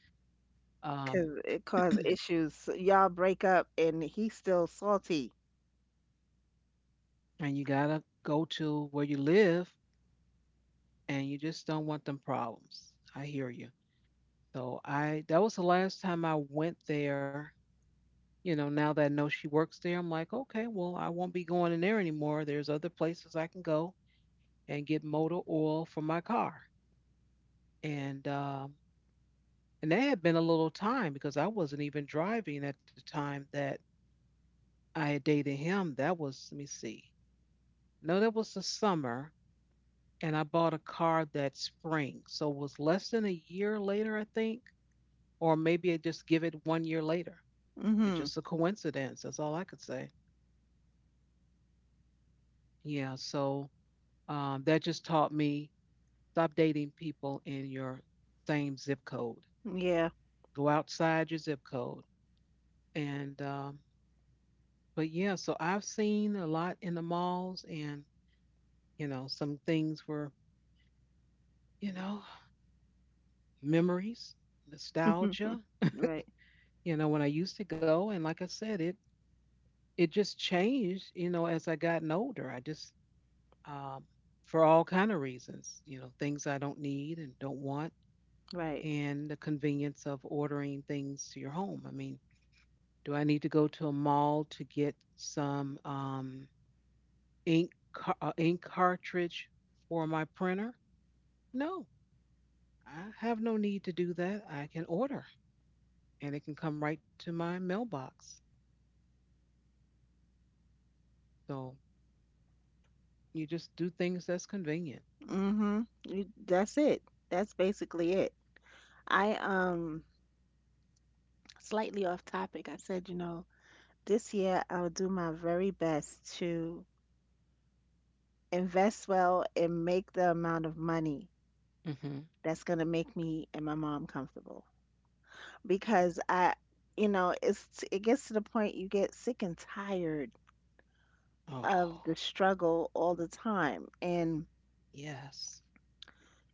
A: um
B: Because it caused issues. So y'all break up and he's still salty.
A: and you gotta go to where you live, and you just don't want them problems. I hear you. So i that was the last time I went there. You know, now that I know she works there, I'm like, okay, well, I won't be going in there anymore. There's other places I can go and get motor oil for my car. and um and that had been a little time because I wasn't even driving at the time that I had dated him. That was, let me see. No, that was the summer, and I bought a car that spring. So it was less than a year later, I think, or maybe I just give it one year later. It's
B: Mm-hmm.
A: just a coincidence. That's all I could say. Yeah. So that just taught me stop dating people in your same zip code.
B: Yeah.
A: Go outside your zip code. And But yeah, so I've seen a lot in the malls, and you know, some things were, you know. Memories, nostalgia.
B: Right.
A: You know, when I used to go, and like I said, it just changed. You know, as I gotten older, I just um, for all kind of reasons. You know, things I don't need and don't want,
B: Right.
A: and the convenience of ordering things to your home. I mean, do I need to go to a mall to get some ink cartridge for my printer? No, I have no need to do that. I can order, and it can come right to my mailbox. So you just do things that's convenient.
B: Mm-hmm. That's it. That's basically it. I slightly off topic. I said, you know, this year I'll do my very best to invest well and make the amount of money
A: Mm-hmm.
B: that's going to make me and my mom comfortable. Because I, you know, it gets to the point you get sick and tired of
A: Oh,
B: the struggle all the time. And,
A: yes.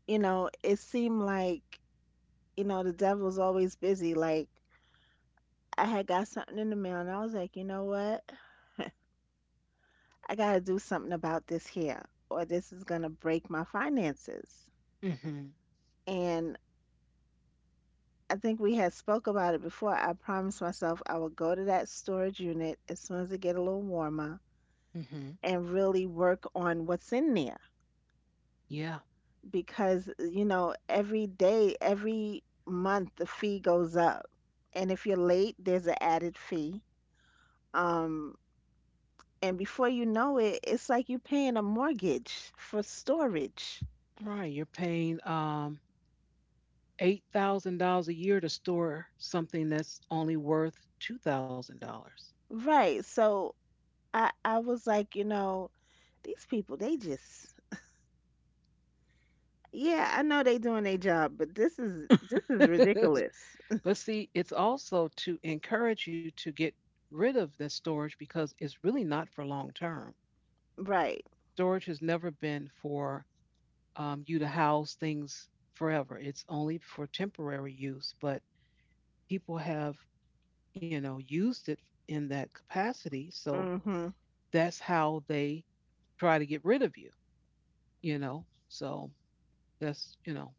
B: you know, it seemed like, you know, the devil's always busy. Like I had got something in the mail and I was like, you know what? I got to do something about this here, or this is going to break my finances.
A: Mm-hmm.
B: And I think we had spoke about it before. I promised myself I would go to that storage unit as soon as it get a little warmer
A: Mm-hmm.
B: and really work on what's in there
A: Yeah.
B: because you know every day, every month the fee goes up, and if you're late, there's an added fee. Um, and before you know it, it's like you're paying a mortgage for storage.
A: Right. You're paying $8,000 a year to store something that's only worth $2,000.
B: Right. So I was like, you know, these people they just yeah, I know they doing their job, but this is ridiculous.
A: But see, it's also to encourage you to get rid of the storage because it's really not for long term.
B: Right.
A: Storage has never been for you to house things forever. It's only for temporary use, but people have, you know, used it in that capacity. So
B: Mhm.
A: that's how they try to get rid of you, you know. So that's, you know,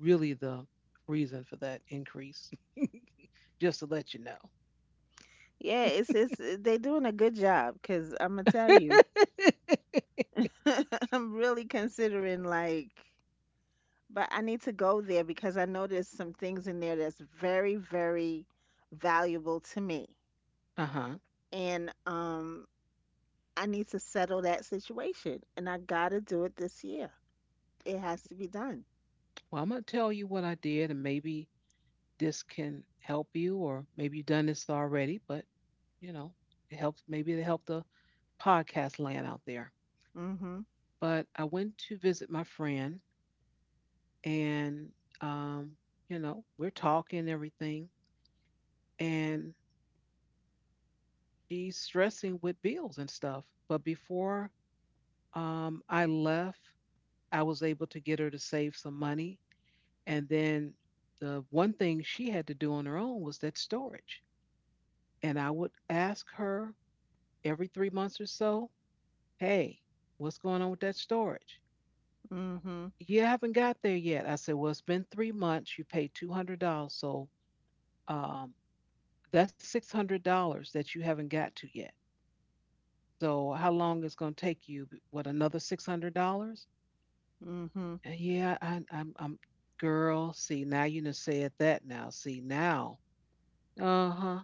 A: really the reason for that increase, just to let you know.
B: Yeah, it's eh, they doing a good job cuz I'm gonna tell you. I'm really considering like but I need to go there because I know there's some things in there that's very very valuable to me.
A: Uh huh.
B: And I need to settle that situation and I got to do it this year. It has to be done.
A: Well, I'm going to tell you what I did, and maybe this can help you, or maybe you've done this already, but, you know, it helps, maybe it helped the podcast land out there.
B: Mhm.
A: But I went to visit my friend and um, you know, we're talking everything, and she's stressing with bills and stuff. But before I left, I was able to get her to save some money, and then the one thing she had to do on her own was that storage. And I would ask her every 3 months or so, hey, what's going on with that storage?
B: Mhm.
A: You haven't got there yet? I said, well, it's been 3 months. You paid $200. Um, That's $600 that you haven't got to yet. So how long is going to take you? What, another $600?
B: Mhm.
A: Yeah, girl, see, now you done said that now. See, now. Uh-huh.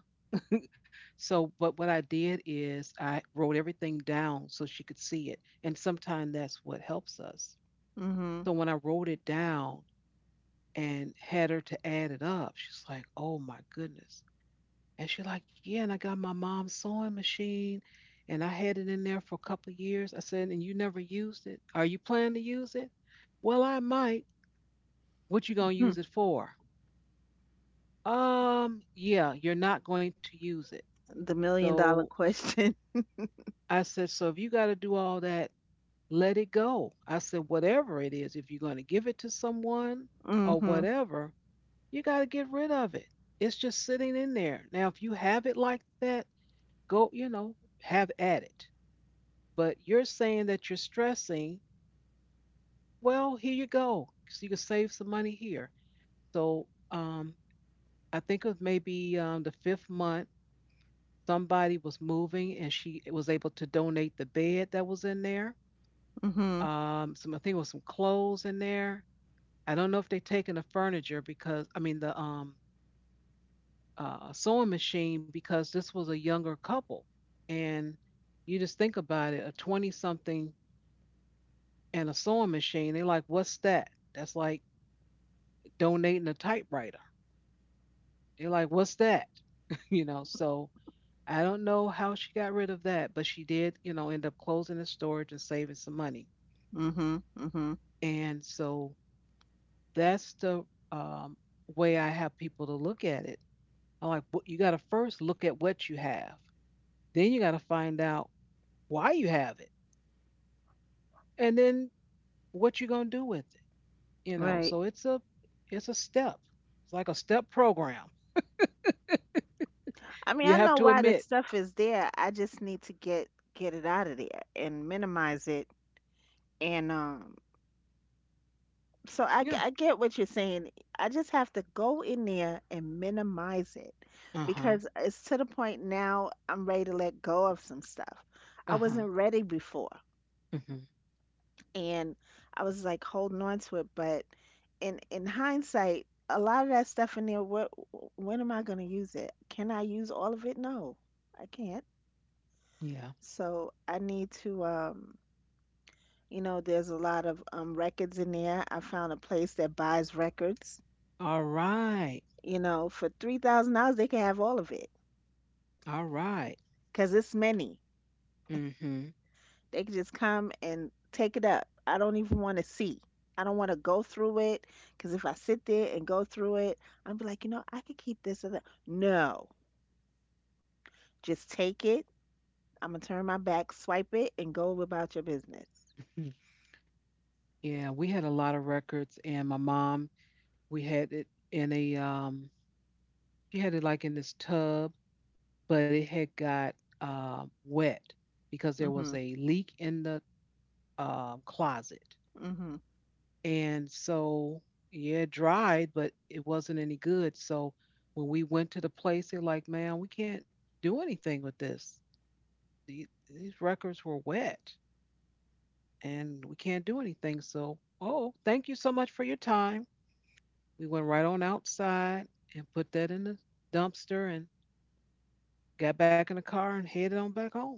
A: So, but what I did is I wrote everything down so she could see it. And sometimes that's what helps us.
B: Mhm.
A: So when I wrote it down and had her to add it up, she's like, oh my goodness. And she like, yeah, and I got my mom's sewing machine, and I had it in there for a couple of years. I said, and you never used it. Are you planning to use it? Well, I might. What you gonna
B: Mhm.
A: use it for? Yeah, you're not going to use it.
B: The million
A: So
B: dollar question.
A: I said, so if you gotta do all that, let it go. I said, whatever it is, if you're gonna give it to someone or
B: Mhm.
A: whatever, you gotta get rid of it. It's just sitting in there. Now, if you have it like that, go, you know, have at it, but you're saying that you're stressing. Well, here you go. So you can save some money here. So um, I think it was maybe the fifth month, somebody was moving and she was able to donate the bed that was in there.
B: Mhm.
A: Some, I think it was some clothes in there. I don't know if they taken the furniture because, I mean, the sewing machine, because this was a younger couple. And you just think about it, a 20 something and a sewing machine. They're like, what's that? That's like donating a typewriter. They're like, what's that? You know, so I don't know how she got rid of that, but she did, you know, end up closing the storage and saving some money.
B: Mhm. Mhm.
A: And so that's the um, way I have people to look at it. I'm like, "Wh- you got to first look at what you have, then you got to find out why you have it, and then what you're gonna do with it. You know,
B: Right.
A: so it's a step. It's like a step program.
B: I mean,
A: You
B: I
A: have
B: know
A: to
B: why the
A: admit,
B: stuff is there. I just need to get it out of there and minimize it. And so
A: yeah,
B: I get what you're saying. I just have to go in there and minimize it
A: uh huh,
B: because it's to the point now I'm ready to let go of some stuff. I
A: uh
B: wasn't ready before.
A: huh,
B: And I was like holding on to it, but in hindsight, a lot of that stuff in there, what when am I going to use it? Can I use all of it? No, I can't.
A: yeah.
B: So I need to you know, there's a lot of records in there. I found a place that buys records,
A: All right.
B: you know, for $3,000 they can have all of it,
A: All right.
B: cause it's many.
A: Mhm.
B: They can just come and take it up. I don't even want to see. I don't want to go through it because if I sit there and go through it, I'm be like, you know, I could keep this or that. No, just take it. I'm gonna turn my back, swipe it, and go about your business.
A: Mhm. Yeah, we had a lot of records, and my mom, we had it in a she had it like in this tub, but it had got wet because there was
B: Mhm.
A: a leak in the closet.
B: Mhm.
A: And so yeah, it dried, but it wasn't any good. So when we went to the place, they're like, "Man, we can't do anything with this. These records were wet," and we can't do anything. So, oh, thank you so much for your time. We went right on outside and put that in the dumpster and got back in the car and headed on back home.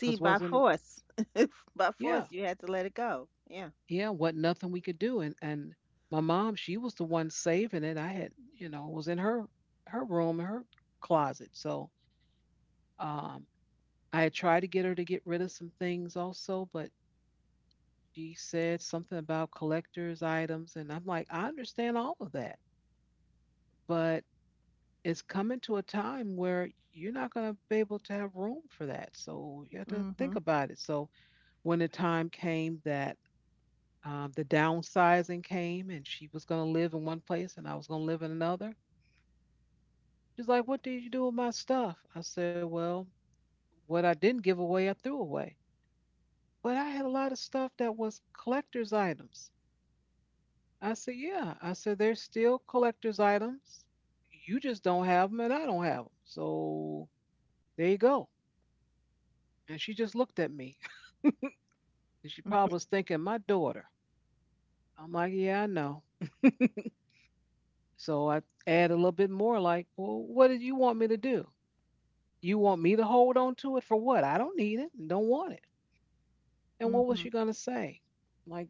A: Cause
B: by
A: wasn't
B: force, by
A: yeah,
B: force, you had to let it go. Yeah.
A: yeah wasn't nothing we could do. And my mom, she was the one saving it. I had, you know, was in her, her room in her closet. So um I had tried to get her to get rid of some things also, but she said something about collectors items, and I'm like, I understand all of that, but it's coming to a time where you're not going to be able to have room for that. So you have to think
B: Mhm.
A: about it. So when the time came that the downsizing came and she was going to live in one place and I was going to live in another, she's like, what did you do with my stuff? I said, well, what I didn't give away, I threw away. But I had a lot of stuff that was collector's items. I said, yeah. I said, they're still collector's items. You just don't have them and I don't have them. So there you go. And she just looked at me. And she probably was thinking, my daughter. I'm like, yeah, I know. So I add a little bit more, like, well, what did you want me to do? You want me to hold on to it for what? I don't need it and don't want it. And what was
B: Mhm.
A: she going to say? Like,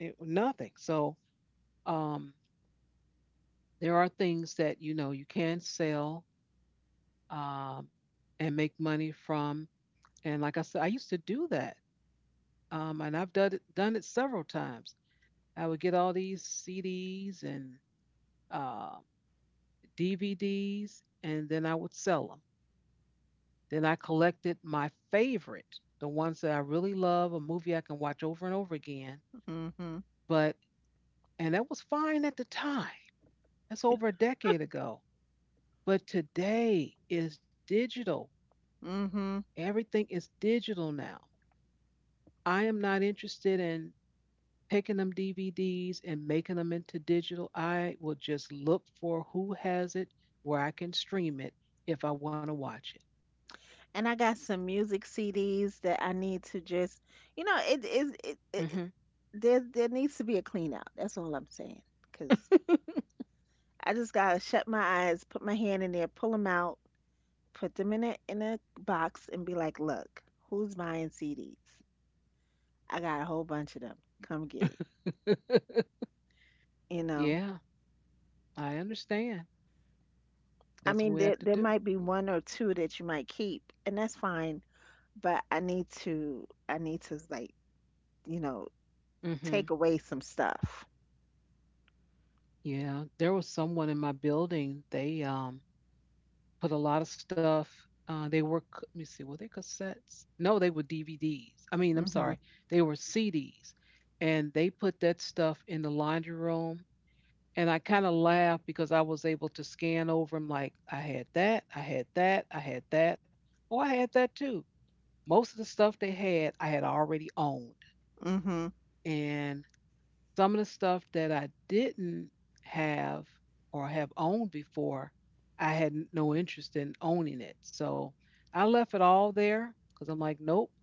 A: it, nothing. So um, there are things that, you know, you can sell um, and make money from. And like I said, I used to do that. And I've done it several times. I would get all these CDs and uh, DVDs, and then I would sell them. Then I collected my favorite, the ones that I really love, a movie I can watch over and over again.
B: Mhm.
A: But, and that was fine at the time. That's over a decade ago. But today is digital.
B: Mhm.
A: Everything is digital now. I am not interested in taking them DVDs and making them into digital. I will just look for who has it where I can stream it if I want to watch
B: And I got some music CDs that I need to just, you know, it is it, it, it
A: it.
B: there there needs to be a clean out. That's all I'm saying. Cause I just gotta shut my eyes, put my hand in there, pull them out, put them in a box, and be like, look, who's buying CDs? I got a whole bunch of them. Come get it.
A: Hmm.
B: You know,
A: Yeah, I understand.
B: I
A: That's
B: mean,
A: what we
B: there
A: have to
B: there
A: do.
B: might be one or two that you might keep, and that's fine. But I need to like you know
A: Hmm.
B: take away some stuff.
A: Yeah, there was someone in my building. They put a lot of stuff. They were let me see, were they cassettes? No, they were DVDs. I mean, I'm
B: Mhm.
A: sorry, they were CDs, and they put that stuff in the laundry room. And I kind of laughed because I was able to scan over them. Like, I had that, I had that, I had that. Oh, I had that too. Most of the stuff they had, I had already owned,
B: Mhm.
A: and some of the stuff that I didn't have or have owned before, I had no interest in owning it. So I left it all there because I'm like, nope,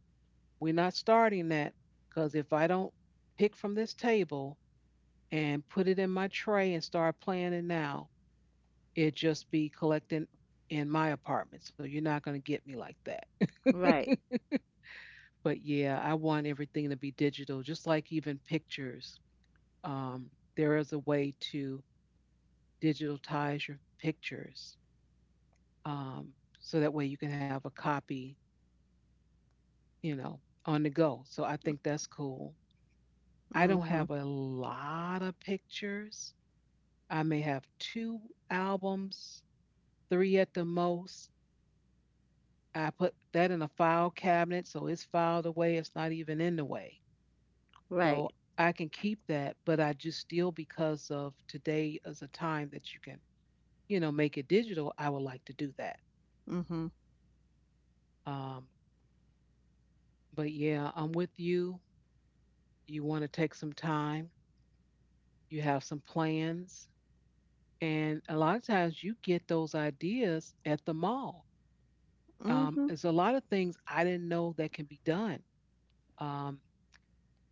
A: we're not starting that. Because if I don't pick from this table and put it in my tray and start planning now, it just be collecting in my apartment. So you're not going to get me like that.
B: Right.
A: But yeah, I want everything to be digital, just like even pictures. Um, there is a way to digitize your pictures, um, so that way you can have a copy, you know, on the go. So I think that's cool. I don't
B: Mhm.
A: have a lot of pictures. I may have two albums, three at the most. I put that in a file cabinet, so it's filed away. It's not even in the way.
B: Right.
A: So I can keep that, but I just still, because of today as a time that you can, you know, make it digital, I would like to do that.
B: Mhm.
A: Um, but yeah, I'm with you. You want to take some time, you have some plans, and a lot of times you get those ideas at the mall.
B: Mhm.
A: There's a lot of things I didn't know that can be done. Um,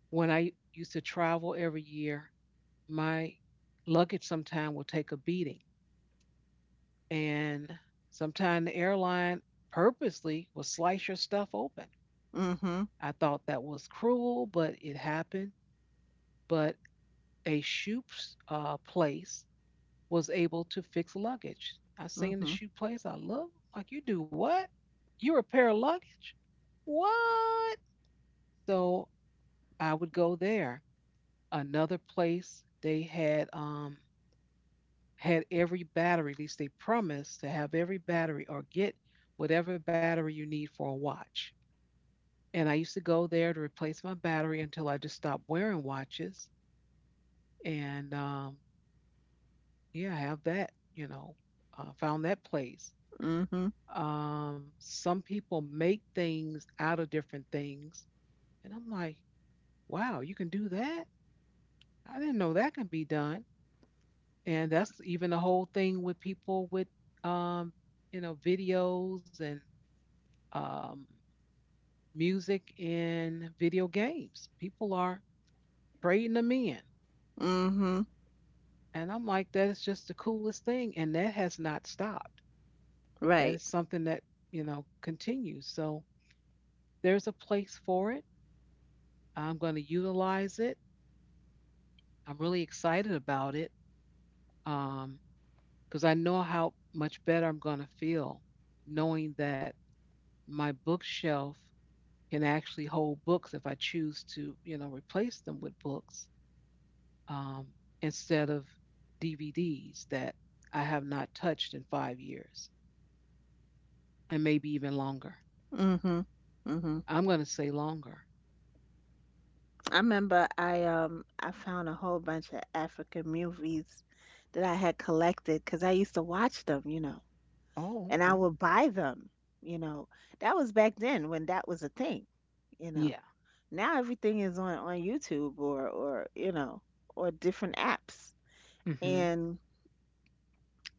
A: when I used to travel every year, my luggage sometime will take a beating, and sometimes the airline purposely will slice your stuff open.
B: Mhm.
A: I thought that was cruel, but it happened. But a shoe place was able to fix luggage. I seen the
B: Mhm.
A: shoe place. I love, like, you do what? You repair luggage? What? So I would go there. Another place they had every battery. At least they promised to have every battery or get whatever battery you need for a watch. And I used to go there to replace my battery until I just stopped wearing watches. And Yeah, I have that. You know, found that place.
B: Mhm.
A: Some people make things out of different things. And I'm like, wow, you can do that? I didn't know that can be done. And that's even the whole thing with people with, um, you know, videos and, um, music in video games. People are trading them in.
B: Mhm.
A: And I'm like, that is just the coolest thing. And that has not stopped. That
B: Right.
A: is something that, you know, continues. So there's a place for it. I'm going to utilize it. I'm really excited about it, um, because I know how much better I'm going to feel knowing that my bookshelf can actually hold books if I choose to, you know, replace them with books, um, instead of DVDs that I have not touched in 5 years and maybe even longer.
B: Mhm. Mhm.
A: I'm going to say longer.
B: I remember I I found a whole bunch of African movies that I had collected because I used to watch them, you know,
A: Oh,
B: and I
A: okay.
B: would buy them, you know. That was back then when that was a thing, you
A: Yeah.
B: know. Now everything is on YouTube or you know or different apps
A: Mm-hmm.
B: and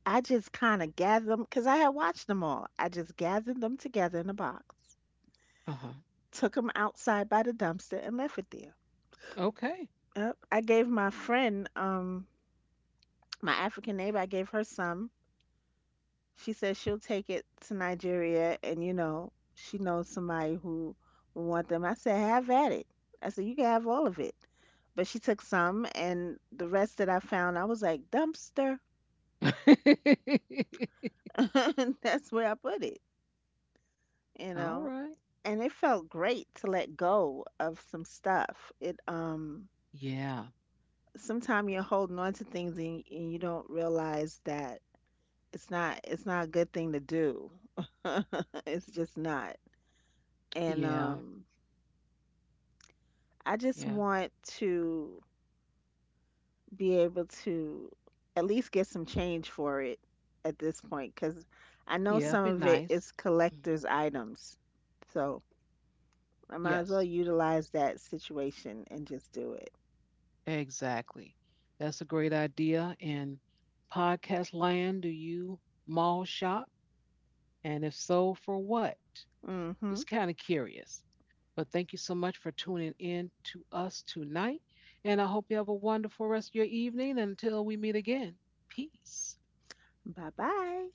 B: I just kind of gathered them because I had watched them all. I just gathered them together in a box,
A: Uh huh.
B: took them outside by the dumpster, and left it there.
A: Okay.
B: Yep. I gave my friend, my African neighbor, I gave her some. She said she'll take it to Nigeria, and you know, she knows somebody who will want them. I said, have at it. I said, you can have all of it. But she took some, and the rest that I found, I was like, dumpster. That's where I put it. You
A: All
B: know,
A: right.
B: and it felt great to let go of some stuff. It
A: Yeah.
B: Sometimes you're holding on to things and, you don't realize that it's not a good thing to do. It's just not. And
A: Yeah.
B: I just
A: Yeah.
B: want to be able to at least get some change for it at this point because I know
A: Yeah,
B: some
A: be
B: of it
A: nice.
B: is
A: Mhm.
B: collectors items. So I might as
A: Yes,
B: well utilize that situation and just do it.
A: exactly. That's a great idea. And podcast land, do you mall shop? And if so, for what? Just
B: Mm-hmm.
A: kind of curious. But thank you so much for tuning in to us tonight. And I hope you have a wonderful rest of your evening until we meet again. Peace.
B: Bye bye.